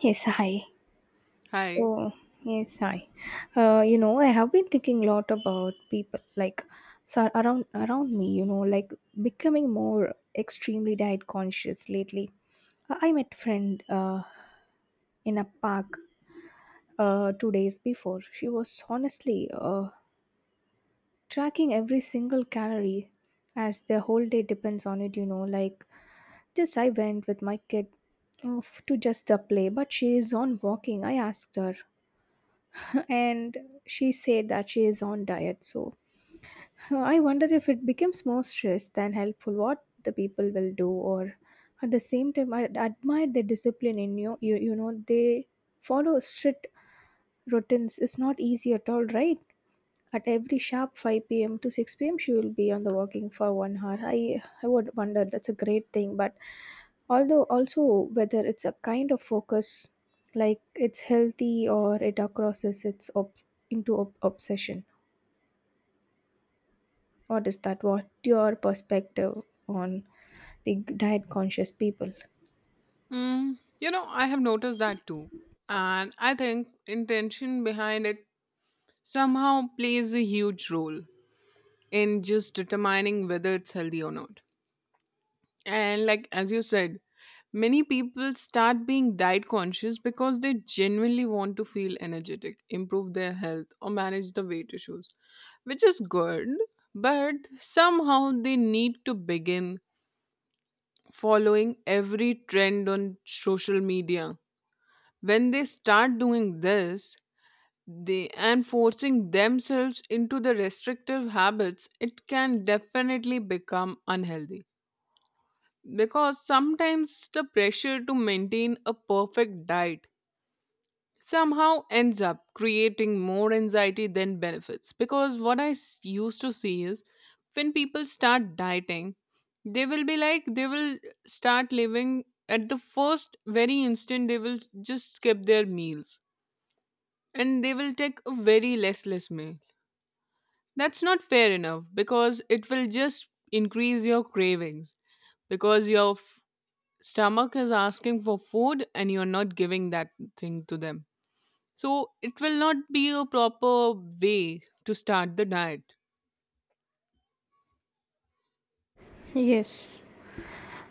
Yes, hi. Hi. So, yes, hi. I have been thinking a lot about people like around me. Becoming more extremely diet conscious lately. I met friend in a park 2 days before. She was honestly tracking every single calorie as the whole day depends on it, you know. Just I went with my kid to just a play, but she is on walking. I asked her, and she said that she is on diet, so I wonder if it becomes more stress than helpful, what the people will do. Or at the same time, I admire the discipline in you you, you know They follow strict routines. It's not easy at all, right? At every sharp 5 p.m. to 6 p.m., she will be on the walking for 1 hour. I would wonder, that's a great thing. But although also whether it's a kind of focus, like it's healthy or it crosses its obsession. What is that? What your perspective on the diet conscious people? Mm, you know, I have noticed that too. And I think intention behind it somehow plays a huge role in just determining whether it's healthy or not. And like as you said, many people start being diet conscious because they genuinely want to feel energetic, improve their health, or manage the weight issues, which is good, but somehow they need to begin following every trend on social media. When they start doing this they and forcing themselves into the restrictive habits, it can definitely become unhealthy because sometimes the pressure to maintain a perfect diet somehow ends up creating more anxiety than benefits. Because what used to see is when people start dieting, they will be like they will start living at the first very instant they will just skip their meals and they will take a very less meal. That's not fair enough because it will just increase your cravings because your stomach is asking for food and you're not giving that thing to them. So it will not be a proper way to start the diet. Yes,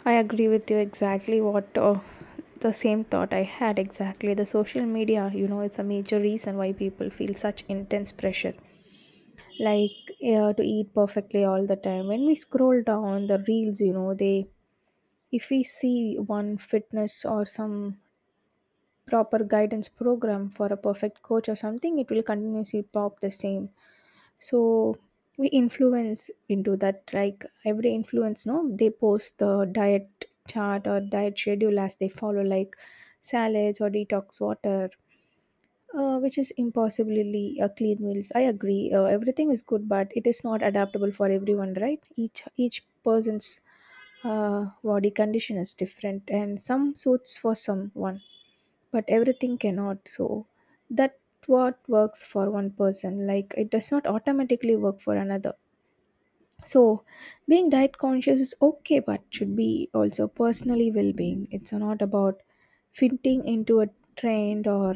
I agree with you, exactly what the same thought I had exactly. The social media, you know, it's a major reason why people feel such intense pressure. Like, yeah, to eat perfectly all the time. When we scroll down the reels, you know, they, if we see one fitness or some proper guidance program for a perfect coach or something, it will continuously pop the same. So we influence into that, like every influence, no, they post the diet chart or diet schedule as they follow, like salads or detox water, which is impossibly clean meals. I agree. Everything is good, but it is not adaptable for everyone, right? Each person's body condition is different, and some suits for someone, but everything cannot. So that, what works for one person, like it does not automatically work for another. So being diet conscious is okay, but should be also personally well-being. It's not about fitting into a trend, or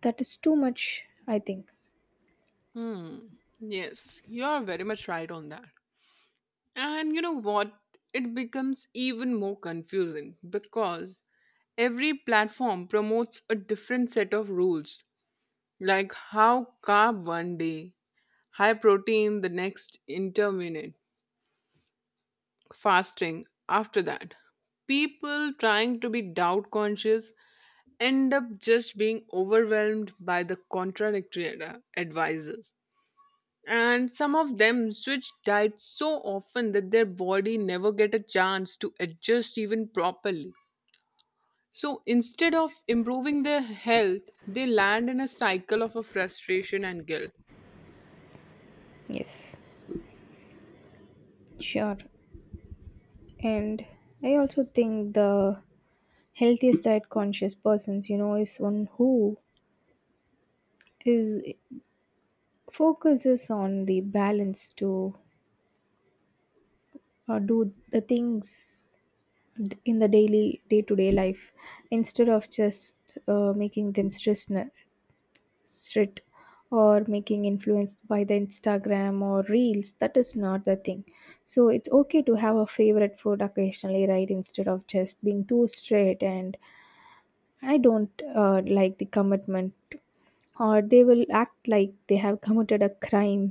that is too much, I think. Hmm. Yes, you are very much right on that. And you know what? It becomes even more confusing because every platform promotes a different set of rules, like how carb one day, high protein the next, intermittent fasting after that. People trying to be doubt conscious end up just being overwhelmed by the contradictory advisors. And some of them switch diets so often that their body never get a chance to adjust even properly. So instead of improving their health, they land in a cycle of a frustration and guilt. Yes. Sure. And I also think the healthiest diet conscious persons, you know, is one who is focuses on the balance to do the things in the daily day to day life, instead of just making them stress strict, or making influenced by the Instagram or reels. That is not the thing. So it's okay to have a favorite food occasionally, right, instead of just being too strict. And I don't like the commitment, or they will act like they have committed a crime,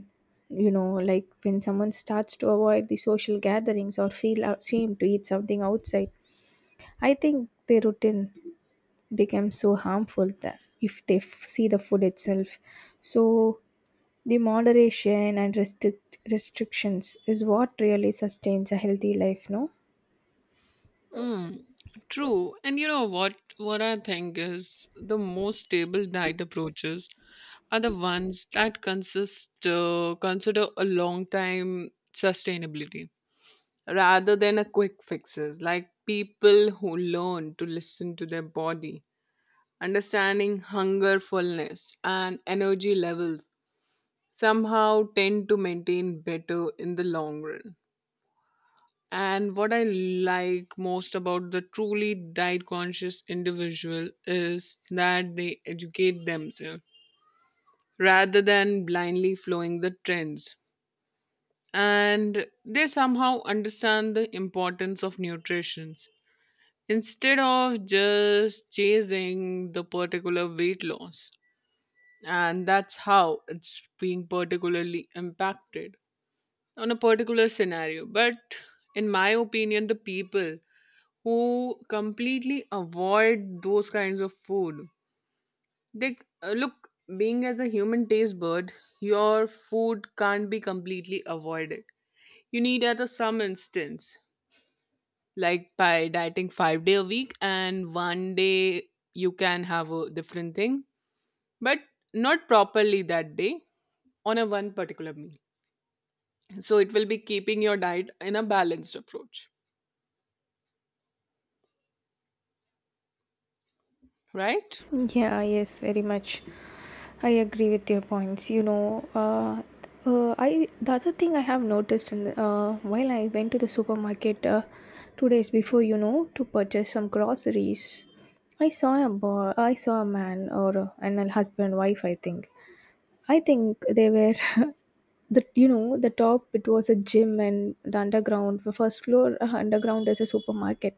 you know, like when someone starts to avoid the social gatherings or feel ashamed to eat something outside. I think their routine becomes so harmful that if they see the food itself. So the moderation and restrictions is what really sustains a healthy life, no? Mm, true. And you know what? What I think is the most stable diet approaches are the ones that consist consider a long time sustainability rather than a quick fixes. Like people who learn to listen to their body, understanding hunger, fullness, and energy levels somehow tend to maintain better in the long run. And what I like most about the truly diet conscious individual is that they educate themselves rather than blindly following the trends. And they somehow understand the importance of nutrition instead of just chasing the particular weight loss. And that's how it's being particularly impacted on a particular scenario. But in my opinion, the people who completely avoid those kinds of food, they look, being as a human taste bud, your food can't be completely avoided. You need at a some instance, like by dieting 5 day a week and one day you can have a different thing, but not properly that day on a one particular meal. So it will be keeping your diet in a balanced approach, right? Yeah, yes, very much. I agree with your points. You know, I the other thing I have noticed in the, while I went to the supermarket 2 days before, you know, to purchase some groceries. I saw a man or and a husband wife, I think. I think they were the, you know, the top, it was a gym, and the underground, the first floor, underground is a supermarket.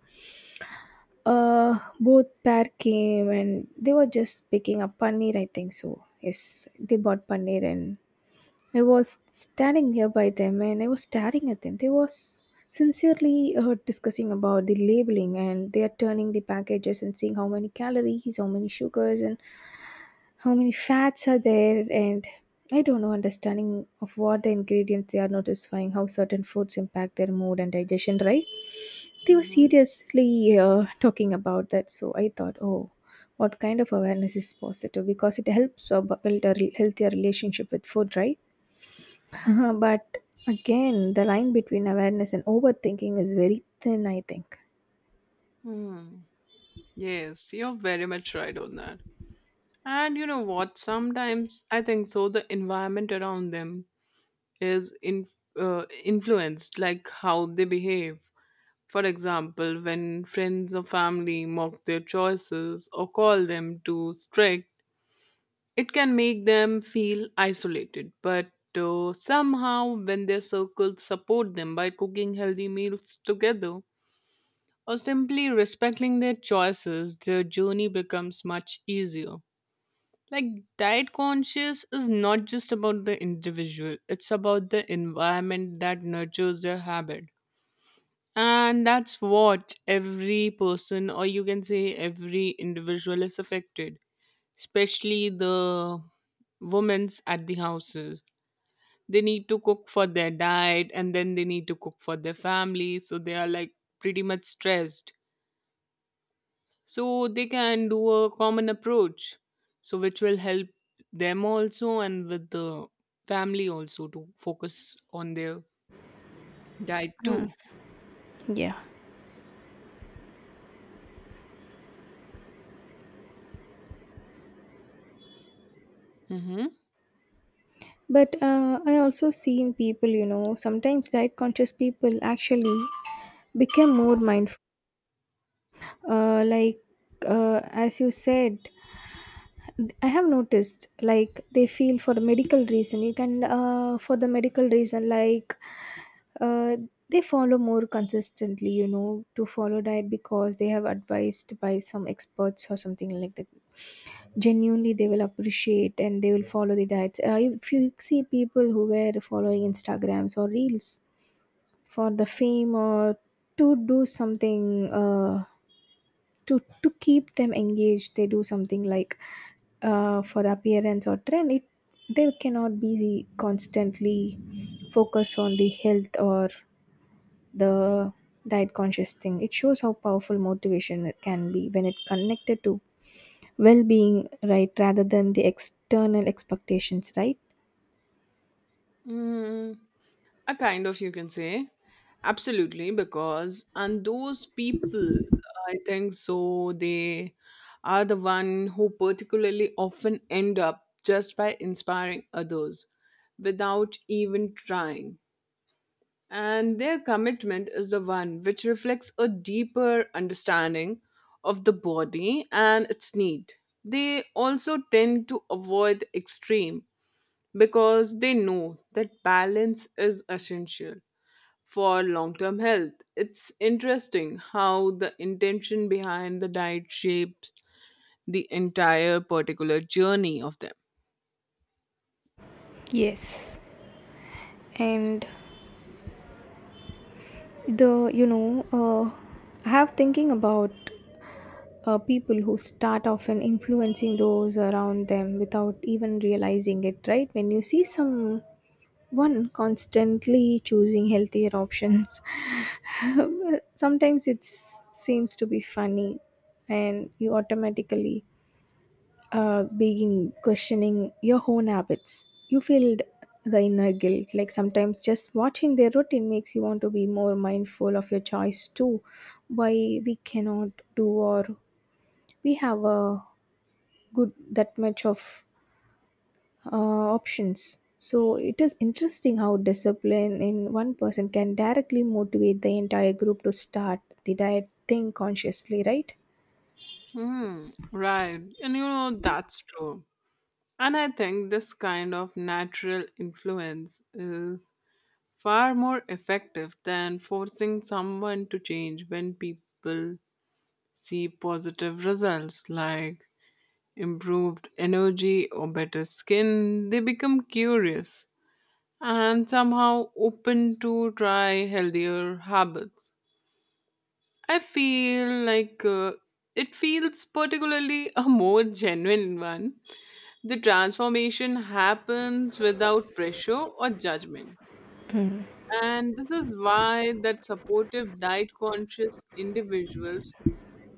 Both pair came, and they were just picking up paneer, I think so. Yes, they bought paneer, and I was standing here by them, and I was staring at them. They was sincerely discussing about the labeling, and they are turning the packages and seeing how many calories, how many sugars, and how many fats are there, and I don't know understanding of what the ingredients they are notifying, how certain foods impact their mood and digestion, right? They were Hmm. seriously talking about that. So I thought, oh, what kind of awareness is positive, because it helps build a healthier relationship with food, right? But again, the line between awareness and overthinking is very thin, I think. Hmm. Yes, you're very much right on that. And you know what? Sometimes I think so. The environment around them is in, influenced, like how they behave. For example, when friends or family mock their choices or call them too strict, it can make them feel isolated. But somehow, when their circles support them by cooking healthy meals together, or simply respecting their choices, their journey becomes much easier. Like, diet conscious is not just about the individual, it's about the environment that nurtures their habit. And that's what every person, or you can say every individual, is affected, especially the women's at the houses. They need to cook for their diet and then they need to cook for their family, so they are like pretty much stressed, so they can do a common approach so which will help them also and with the family also to focus on their diet Mm, too. yeah. Mm-hmm. But I also seen people, you know, sometimes diet conscious people actually become more mindful. Uh, like, as you said, I have noticed, like, they feel for a medical reason, you can, for the medical reason, like, uh, they follow more consistently, you know, to follow diet because they have advised by some experts or something like that. Genuinely, they will appreciate, and they will follow the diets. If you see people who were following Instagrams or reels for the fame, or to do something, to keep them engaged, they do something like, for the appearance or trend. It, they cannot be constantly focused on the health, or the diet conscious thing. It shows how powerful motivation it can be when it connected to well being, right, rather than the external expectations, right? Mm, a kind of you can say absolutely, because and those people I think so they are the one who particularly often end up just by inspiring others without even trying. And their commitment is the one which reflects a deeper understanding of the body and its need. They also tend to avoid extreme because they know that balance is essential for long term health. It's interesting how the intention behind the diet shapes the entire particular journey of them. Yes. And the, you know, I have thinking about people who start often influencing those around them without even realizing it, right? When you see someone constantly choosing healthier options, sometimes it seems to be funny, and you automatically begin questioning your own habits. You feel the inner guilt. Like sometimes just watching their routine makes you want to be more mindful of your choice too. Why we cannot do, or we have a good that much of uh, options. So it is interesting how discipline in one person can directly motivate the entire group to start the diet thing consciously, right? Hmm, right. And you know, that's true. And I think this kind of natural influence is far more effective than forcing someone to change. When people see positive results like improved energy or better skin, they become curious and somehow open to try healthier habits. I feel like it feels particularly a more genuine one. The transformation happens without pressure or judgment. Mm, And this is why that supportive diet conscious individuals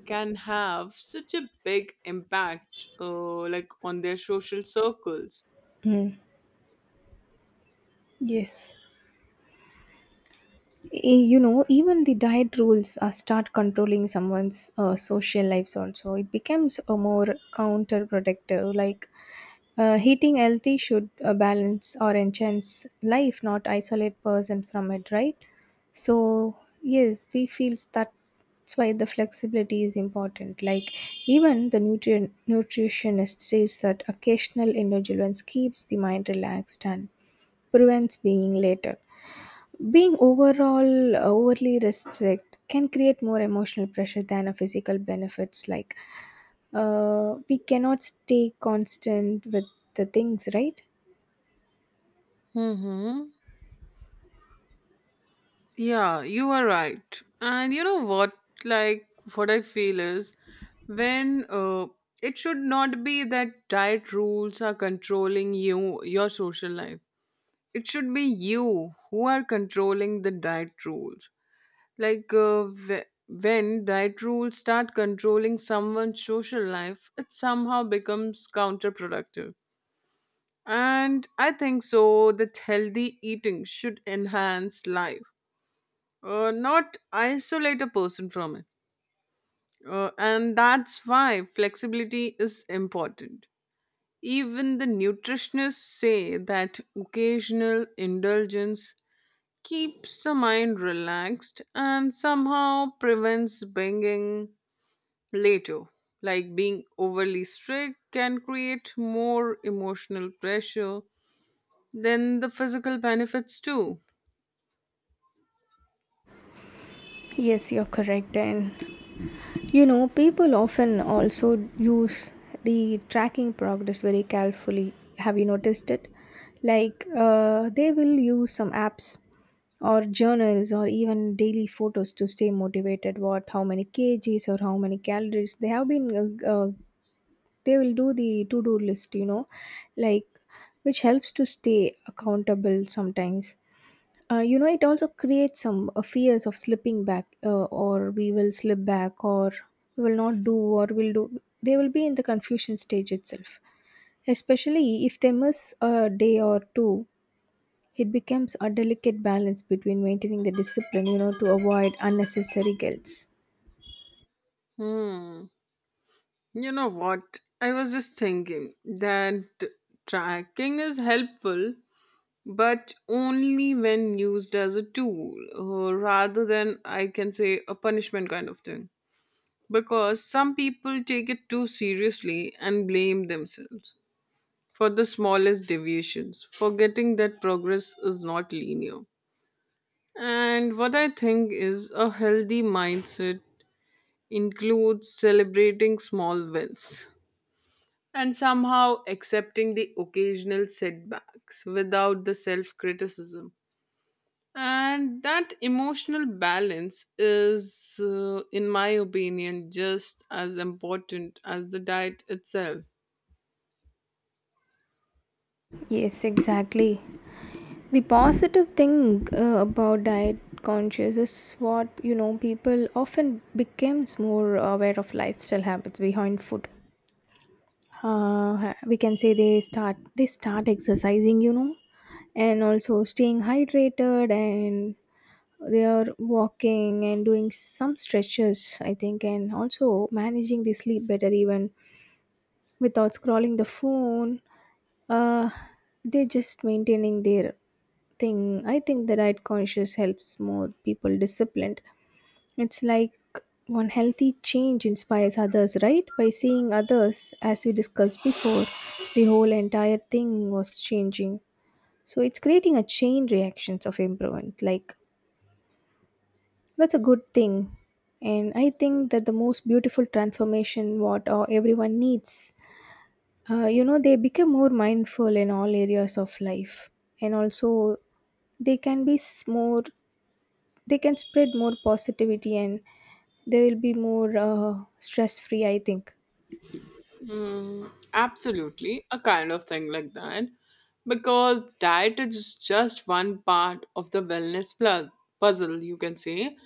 can have such a big impact, like on their social circles. mm. Yes. You know, even the diet rules start controlling someone's social lives, also it becomes a more counterproductive, like eating healthy should balance or enhance life, not isolate person from it, right? So yes, we feels that. That's why the flexibility is important. Like, even the nutrient nutritionist says that occasional indulgence keeps the mind relaxed and prevents being later. Being overall overly restrict can create more emotional pressure than a physical benefits. Like we cannot stay constant with the things, right? Mm-hmm. Yeah, you are right. And you know what? Like, what I feel is when it should not be that diet rules are controlling you, your social life. It should be you who are controlling the diet rules. Like when diet rules start controlling someone's social life, it somehow becomes counterproductive. And I think so that healthy eating should enhance life, not isolate a person from it. And that's why flexibility is important. Even the nutritionists say that occasional indulgence keeps the mind relaxed and somehow prevents being later. Like being overly strict can create more emotional pressure than the physical benefits too. Yes, you're correct. And you know, people often also use the tracking progress very carefully. Have you noticed it? Like, they will use some apps or journals or even daily photos to stay motivated. What, how many kgs or how many calories they have been, uh, uh, they will do the to do list, you know, like which helps to stay accountable sometimes. You know, it also creates some fears of slipping back, or we will slip back, or we will not do or will do, they will be in the confusion stage itself, especially if they miss a day or two. It becomes a delicate balance between maintaining the discipline, you know, to avoid unnecessary guilt. Hmm. You know what? I was just thinking that tracking is helpful, but only when used as a tool, rather than I can say a punishment kind of thing. Because some people take it too seriously and blame themselves for the smallest deviations, forgetting that progress is not linear. And what I think is a healthy mindset includes celebrating small wins and somehow accepting the occasional setbacks without the self criticism. And that emotional balance is, in my opinion, just as important as the diet itself. Yes, exactly. The positive thing about diet conscious is what, you know, people often becomes more aware of lifestyle habits behind food. Uh, we can say they start exercising, you know, and also staying hydrated, and they are walking and doing some stretches, I think, and also managing the sleep better, even without scrolling the phone. uh they're just maintaining their thing. I think the diet conscious helps more people disciplined. It's like one healthy change inspires others, right? By seeing others, as we discussed before, the whole entire thing was changing. So it's creating a chain reactions of improvement. Like, that's a good thing. And I think that the most beautiful transformation what everyone needs. You know, they become more mindful in all areas of life. And also they can be more, they can spread more positivity, and they will be more stress free, I think. Mm, absolutely, a kind of thing like that. Because diet is just one part of the wellness plus puzzle, you can say.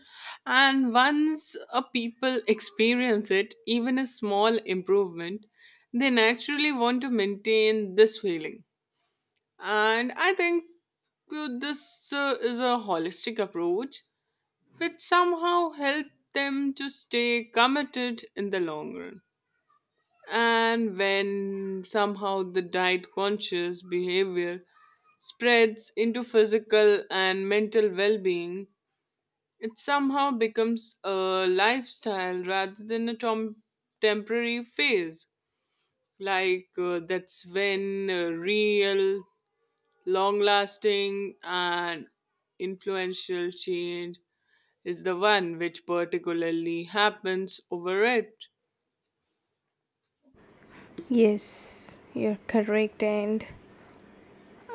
And once a people experience it, even a small improvement, they naturally want to maintain this feeling. And I think this is a holistic approach which somehow help them to stay committed in the long run. And when somehow the diet conscious behavior spreads into physical and mental well being, it somehow becomes a lifestyle rather than a temporary phase. Like that's when real long lasting and influential change is the one which particularly happens over it. Yes, you're correct. And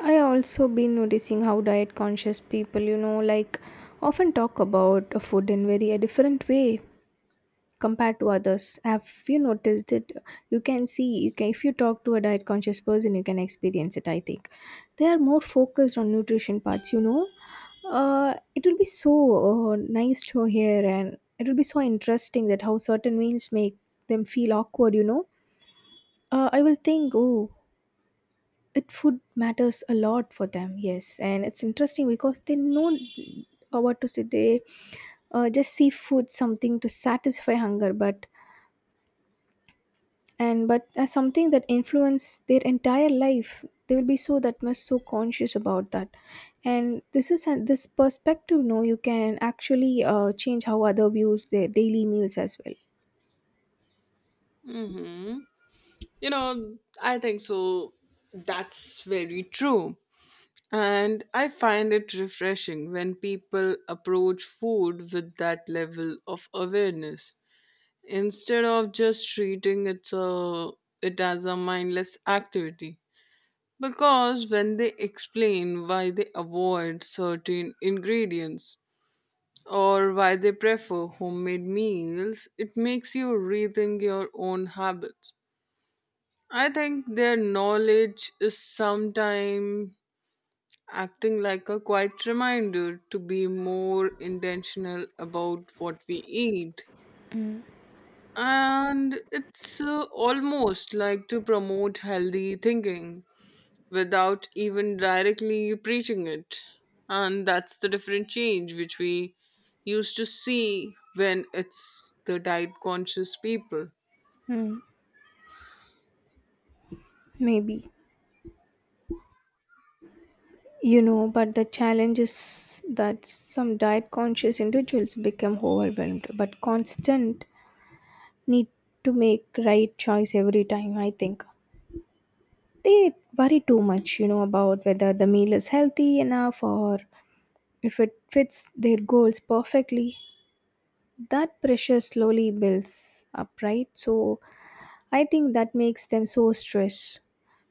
I also been noticing how diet conscious people, you know, like, often talk about food in very a different way compared to others. Have you noticed it? You can see, you can, if you talk to a diet conscious person, you can experience it, I think. They are more focused on nutrition parts, you know. It will be so nice to hear, and it will be so interesting that how certain meals make them feel awkward, you know. I will think, oh, it, food matters a lot for them. Yes. And it's interesting because they know, what to say, they just see food something to satisfy hunger, but and but as something that influence their entire life. They will be so that much so conscious about that. And this is this perspective, no, you can actually change how other views their daily meals as well. Mm-hmm. You know, I think so. That's very true. And I find it refreshing when people approach food with that level of awareness instead of just it as a mindless activity. Because when they explain why they avoid certain ingredients or why they prefer homemade meals, it makes you rethink your own habits. I think their knowledge is sometimes acting like a quiet reminder to be more intentional about what we eat. Mm. And it's almost like to promote healthy thinking without even directly preaching it. And that's the different change which we used to see when it's the diet conscious people. Mm, maybe but the challenge is that some diet conscious individuals become overwhelmed but constant need to make right choice every time. I think they worry too much about whether the meal is healthy enough or if it fits their goals perfectly. That pressure slowly builds up, right? So I think that makes them so stressed.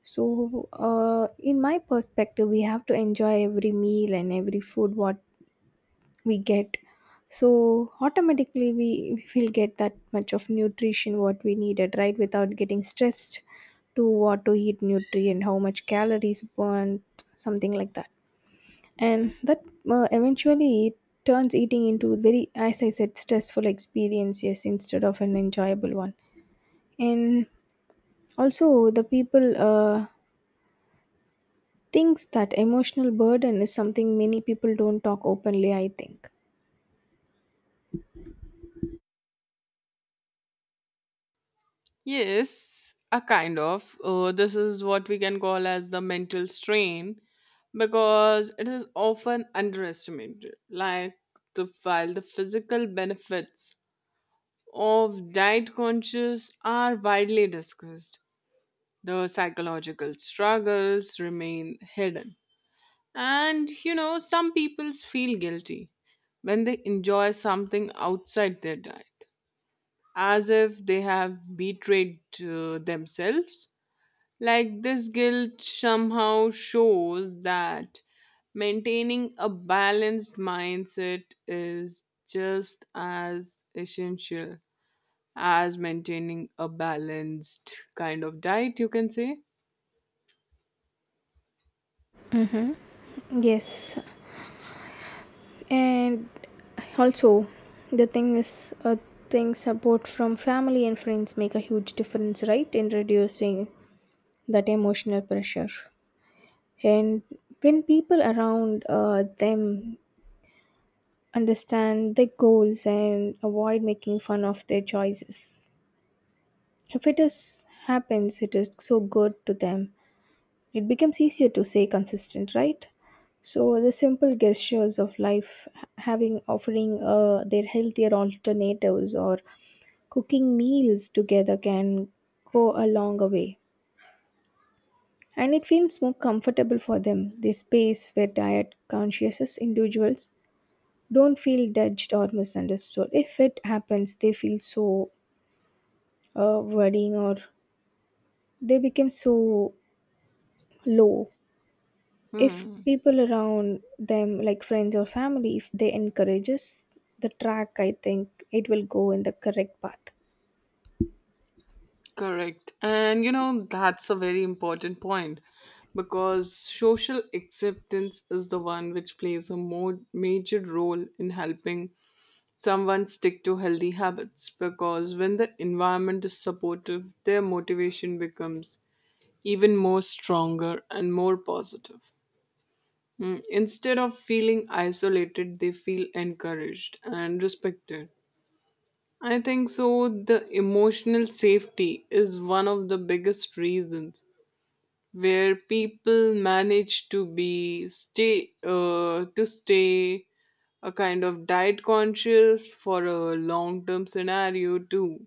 So, in my perspective, we have to enjoy every meal and every food what we get. So automatically we will get that much of nutrition what we needed, right? Without getting stressed to what to eat, nutrient, how much calories burnt, something like that. And that, eventually it turns eating into, very, as I said, stressful experience. Yes, instead of an enjoyable one. And also the people, thinks that emotional burden is something many people don't talk openly, I think. Yes, a kind of. This is what we can call as the mental strain because it is often underestimated. Like the while the physical benefits of diet conscious are widely discussed, the psychological struggles remain hidden. And you know, some people feel guilty when they enjoy something outside their diet, as if they have betrayed themselves. Like this guilt somehow shows that maintaining a balanced mindset is just as essential as maintaining a balanced kind of diet, you can say. Mm-hmm. Yes. And also the thing is, thing support from family and friends make a huge difference, right, in reducing that emotional pressure. And when people around, them understand their goals and avoid making fun of their choices, if it is happens, it is so good to them. It becomes easier to stay consistent, right? So the simple gestures of life, having offering, their healthier alternatives or cooking meals together, can go a long way. And it feels more comfortable for them, the space where diet conscious individuals don't feel judged or misunderstood. If it happens, they feel so, worrying, or they become so low. If Hmm. people around them, like friends or family, if they encourages the track, I think it will go in the correct path. Correct. And you know, that's a very important point because social acceptance is the one which plays a more major role in helping someone stick to healthy habits because when the environment is supportive, their motivation becomes even more stronger and more positive. Mm, instead of feeling isolated, they feel encouraged and respected. I think so. The emotional safety is one of the biggest reasons where people manage to stay a kind of diet conscious for a long term scenario too.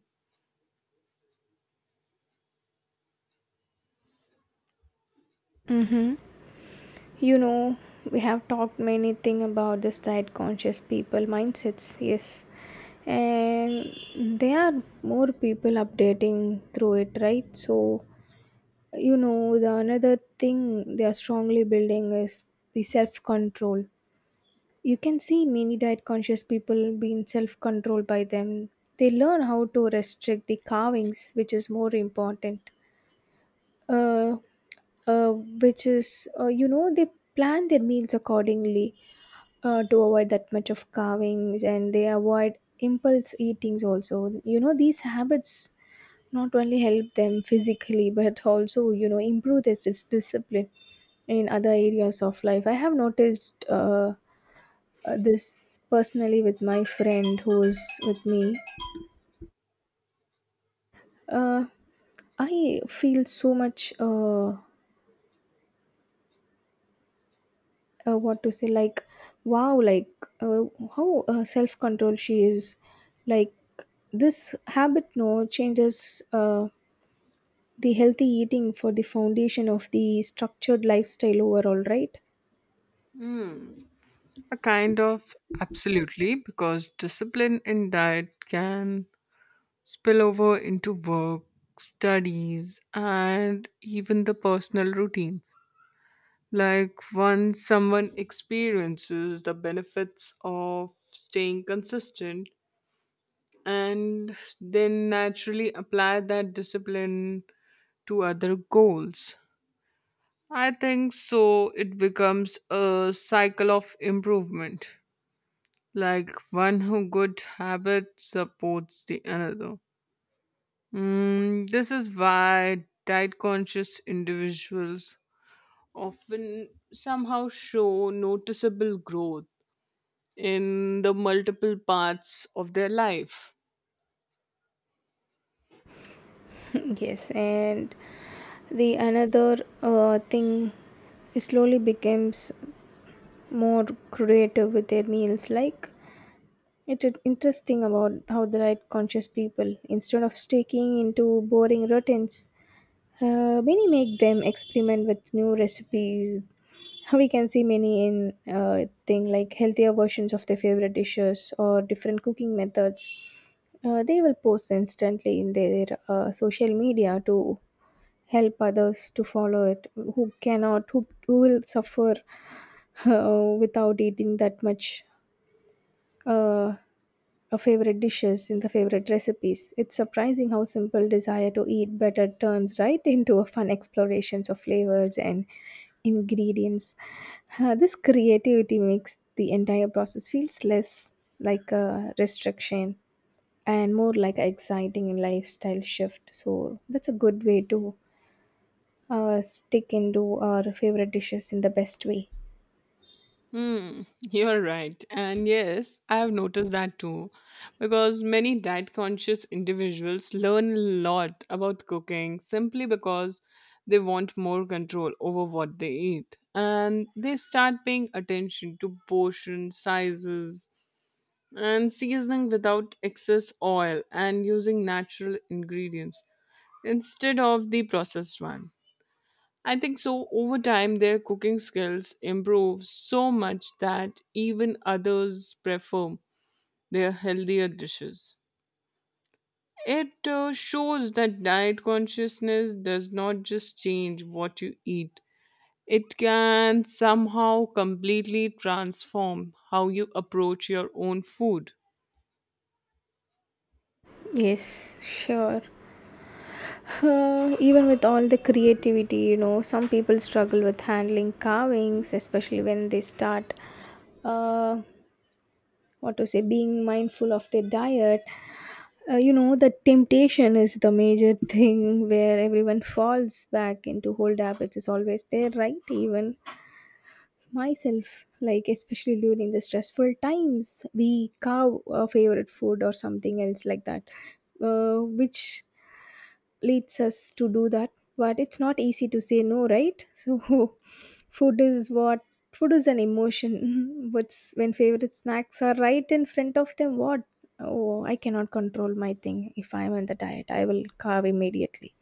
You know, we have talked many thing about this diet conscious people mindsets. Yes, and there are more people updating through it, right? So, you know, the another thing they are strongly building is the self control. You can see many diet conscious people being self controlled by them. They learn how to restrict the carvings, which is more important. Uh, which is, they plan their meals accordingly, to avoid that much of carvings. And they avoid impulse eatings also, you know, these habits not only help them physically, but also, you know, improve their discipline in other areas of life. I have noticed, this personally with my friend who's with me. uh, I feel so much, what to say, like wow, like, uh, how, self control she is. Like, this habit no changes, the healthy eating for the foundation of the structured lifestyle overall, right? A kind of absolutely, because discipline in diet can spill over into work, studies, and even the personal routines. Like, once someone experiences the benefits of staying consistent, and then naturally apply that discipline to other goals. I think so, it becomes a cycle of improvement. Like one who good habit supports the another. Mm, this is why diet conscious individuals often somehow show noticeable growth in the multiple parts of their life. Yes. And the another, thing slowly becomes more creative with their meals. Like, it's interesting about how the diet conscious people, instead of sticking into boring routines. Many make them experiment with new recipes. We can see many in, thing like healthier versions of their favorite dishes or different cooking methods. They will post instantly in their, social media to help others to follow it, who cannot, who will suffer without eating that much, uh, our favorite dishes, in the favorite recipes. It's surprising how simple desire to eat better turns right into a fun explorations of flavors and ingredients. This creativity makes the entire process feels less like a restriction and more like an exciting lifestyle shift. So that's a good way to, stick into our favorite dishes in the best way. Hmm, you're right. And yes, I have noticed that too. Because many diet conscious individuals learn a lot about cooking simply because they want more control over what they eat. And they start paying attention to portion sizes and seasoning without excess oil and using natural ingredients instead of the processed one. I think so. Over time, their cooking skills improve so much that even others prefer their healthier dishes. It shows that diet consciousness does not just change what you eat, it can somehow completely transform how you approach your own food. Yes, sure. Even with all the creativity, you know, some people struggle with handling carvings, especially when they start, uh, what to say, being mindful of their diet. You know, the temptation is the major thing, where everyone falls back into old habits is always there, right? Even myself, like, especially during the stressful times, we carve a favorite food or something else like that, which leads us to do that. But it's not easy to say no, right? So, food is what, food is an emotion. What's, when favorite snacks are right in front of them, what? Oh, I cannot control my thing. If I'm on the diet, I will carve immediately.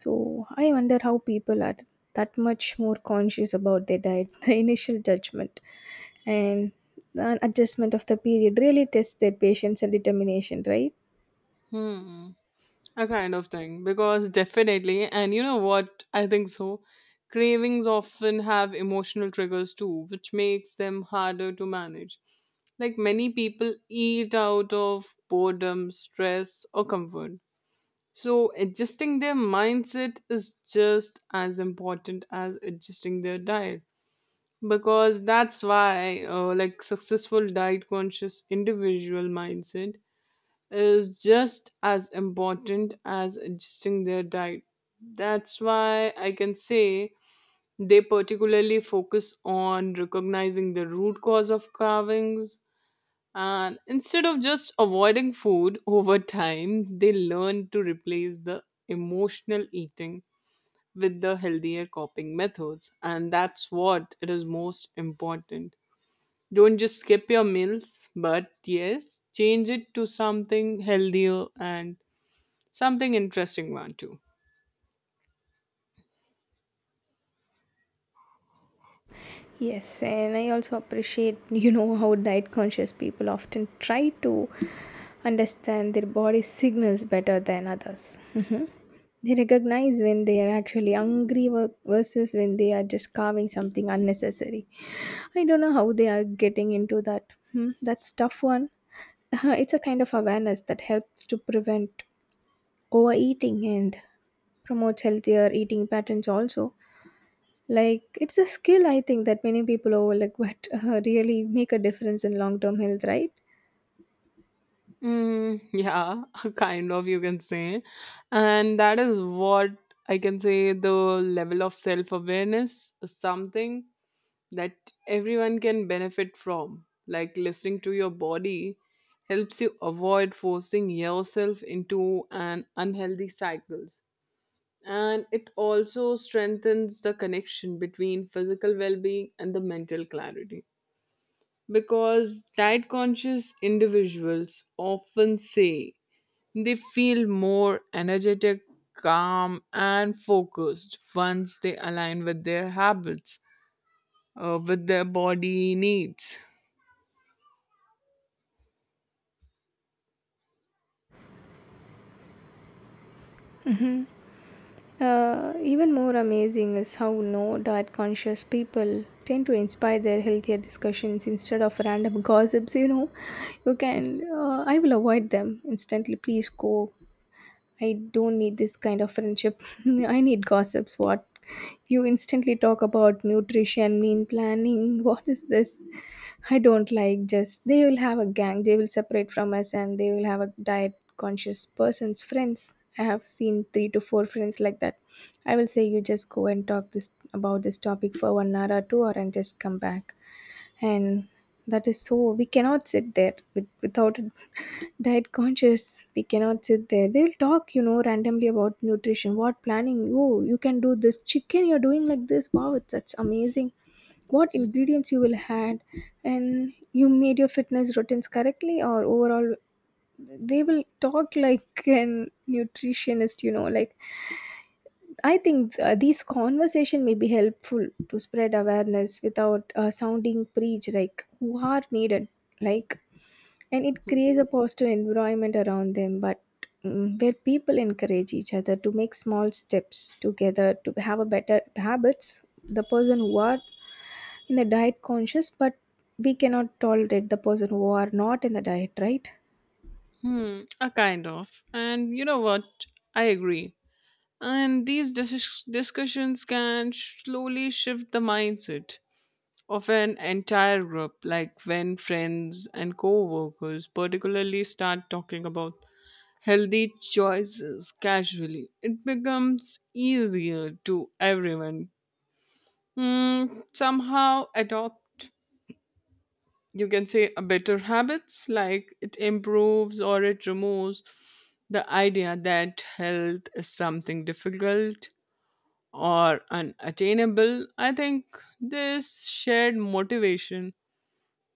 So I wonder how people are that much more conscious about their diet. The initial judgment and the adjustment of the period really tests their patience and determination, right? Hmm. A kind of thing, because definitely. And you know what, I think so cravings often have emotional triggers too, which makes them harder to manage. Like many people eat out of boredom, stress, or comfort, so adjusting their mindset is just as important as adjusting their diet. Because that's why, like, successful diet conscious individual mindset is just as important as adjusting their diet. That's why I can say they particularly focus on recognizing the root cause of carvings, and instead of just avoiding food over time, they learn to replace the emotional eating with the healthier coping methods, and that's what it is, most important. Don't just skip your meals, but yes, change it to something healthier and something interesting one too. Yes, and I also appreciate, you know, how diet conscious people often try to understand their body signals better than others. Mhm. They recognize when they are actually hungry versus when they are just carving something unnecessary. I don't know how they are getting into that. Hmm, that's tough one. It's a kind of awareness that helps to prevent overeating and promotes healthier eating patterns also. Like, it's a skill I think that many people overlook, but, really make a difference in long-term health, right? Mm, yeah, kind of, you can say. And that is what I can say, the level of self awareness is something that everyone can benefit from. Like listening to your body helps you avoid forcing yourself into an unhealthy cycles. And it also strengthens the connection between physical well being and the mental clarity. Because diet conscious individuals often say they feel more energetic, calm, and focused once they align with their habits, with their body needs. Even more amazing is how no diet conscious people tend to inspire their healthier discussions instead of random gossips. You know, you can, I will avoid them instantly. Please go, I don't need this kind of friendship. I need gossips. What? You instantly talk about nutrition, meal planning. What is this? I don't like, just they will have a gang. They will separate from us and they will have a diet conscious person's friends. I have seen three to four friends like that. I will say you just go and talk this about this topic for 1 hour or 2 hour and just come back. And that is so, we cannot sit there without a diet conscious, we cannot sit there. They'll talk, you know, randomly about nutrition, what planning. Oh, you can do this chicken, you're doing like this, wow, it's such amazing. What ingredients you will add, and you made your fitness routines correctly, or overall, they will talk like an nutritionist, you know. Like, I think, these conversation may be helpful to spread awareness without, sounding preach, like who are needed. Like, and it creates a positive environment around them, but where people encourage each other to make small steps together to have a better habits. The person who are in the diet conscious, but we cannot tolerate the person who are not in the diet, right? Hmm, a kind of. And you know what? I agree. And these discussions can slowly shift the mindset of an entire group, like when friends and co workers particularly start talking about healthy choices casually, it becomes easier to everyone. Hmm, somehow adopt, you can say, a better habits, like it improves, or it removes the idea that health is something difficult or unattainable. I think this shared motivation,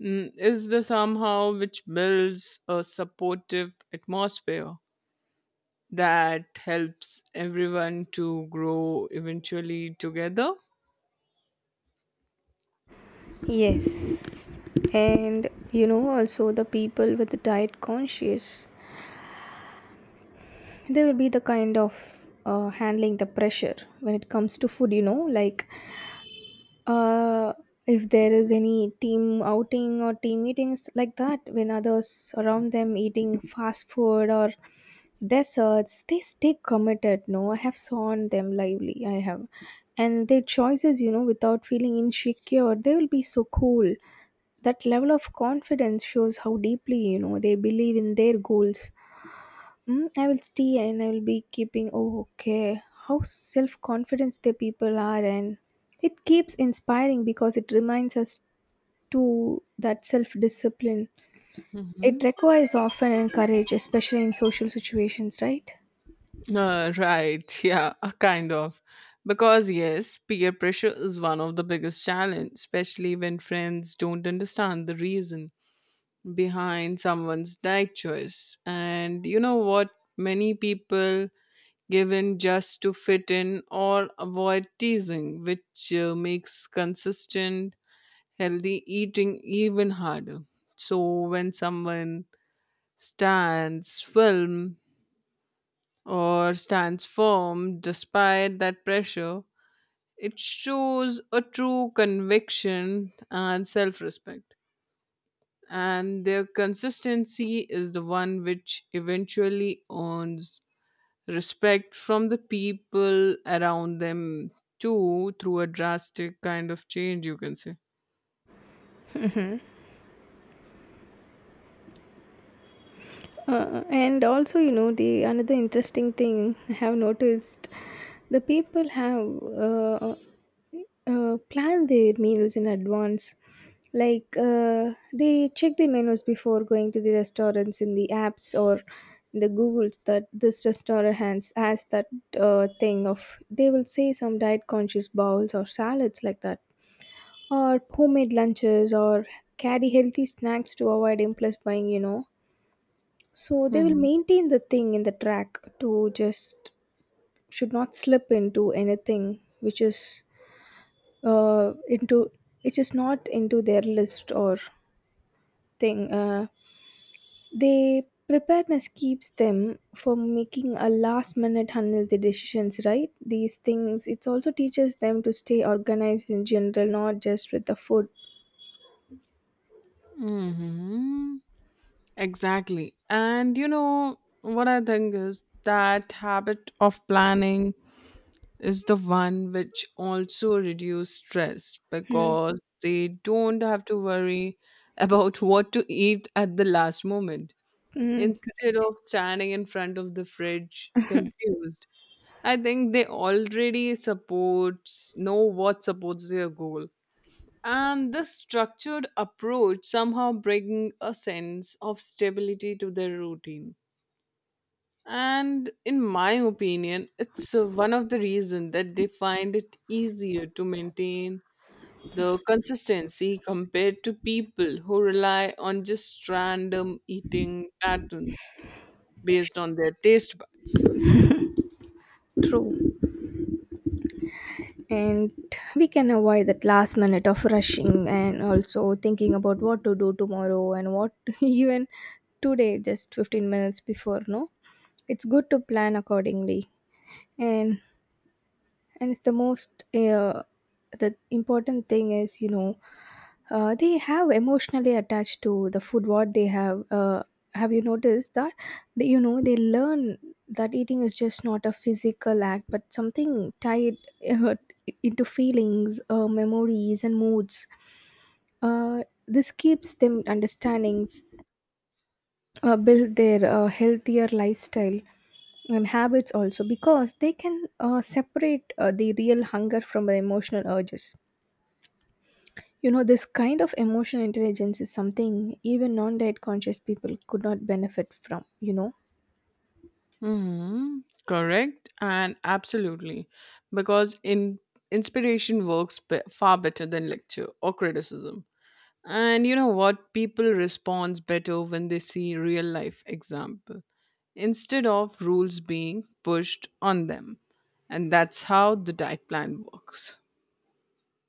mm, is the somehow which builds a supportive atmosphere that helps everyone to grow eventually together. Yes, and you know also the people with the diet conscious, there will be the kind of, handling the pressure when it comes to food, you know, like, uh, if there is any team outing or team meetings like that, when others around them eating fast food or desserts, they stay committed. No, I have sworn them lively. I have, and their choices, you know, without feeling insecure, they will be so cool. That level of confidence shows how deeply, you know, they believe in their goals. Mm, I will stay and I will be keeping. Oh, okay. How self confidence the people are, and it keeps inspiring because it reminds us to that self discipline. Hmm. It requires often and courage, especially in social situations, right? Right, yeah, kind of. Because yes, peer pressure is one of the biggest challenge, especially when friends don't understand the reason behind someone's diet choice. And you know what? Many people give in just to fit in or avoid teasing, which makes consistent healthy eating even harder. So when someone stands firm, or stands firm despite that pressure, it shows a true conviction and self respect. And their consistency is the one which eventually earns respect from the people around them too, through a drastic kind of change, you can say. And also, you know, the another interesting thing I have noticed, the people have, uh, planned their meals in advance. Like, they check the menus before going to the restaurants in the apps or in the Googles, that this restaurant has that, thing of, they will say some diet conscious bowls or salads like that, or homemade lunches, or carry healthy snacks to avoid impulse buying, you know. So they will Hmm. maintain the thing in the track to just should not slip into anything which is, into, which is not into their list or thing. They preparedness keeps them from making a last minute unhealthy decisions. Right, these things it also teaches them to stay organized in general, not just with the food. Hmm. Exactly. And you know, what I think is that habit of planning is the one which also reduce stress, Hmm. because they don't have to worry about what to eat at the last moment. Mm, Instead correct. of standing in front of the fridge confused, I think they already supports know what supports their goal, and this structured approach somehow bringing a sense of stability to their routine. And in my opinion, it's one of the reasons that they find it easier to maintain the consistency compared to people who rely on just random eating patterns based on their taste buds. True. And we can avoid that last minute of rushing, and also thinking about what to do tomorrow and what even today just 15 minutes before, no, it's good to plan accordingly. and and it's the most, the important thing is, you know, they have emotionally attached to the food what they have, have you noticed that? They, you know, they learn that eating is just not a physical act, but something tied, uh, into feelings, memories, and moods. This keeps them understandings, build their, healthier lifestyle and habits also, because they can, separate, the real hunger from the emotional urges. You know, this kind of emotional intelligence is something even non-diet conscious people could not benefit from, you know. Hmm. Correct, and absolutely. Because in inspiration works far better than lecture or criticism. And you know what? People respond better when they see real life example instead of rules being pushed on them. And that's how the diet plan works.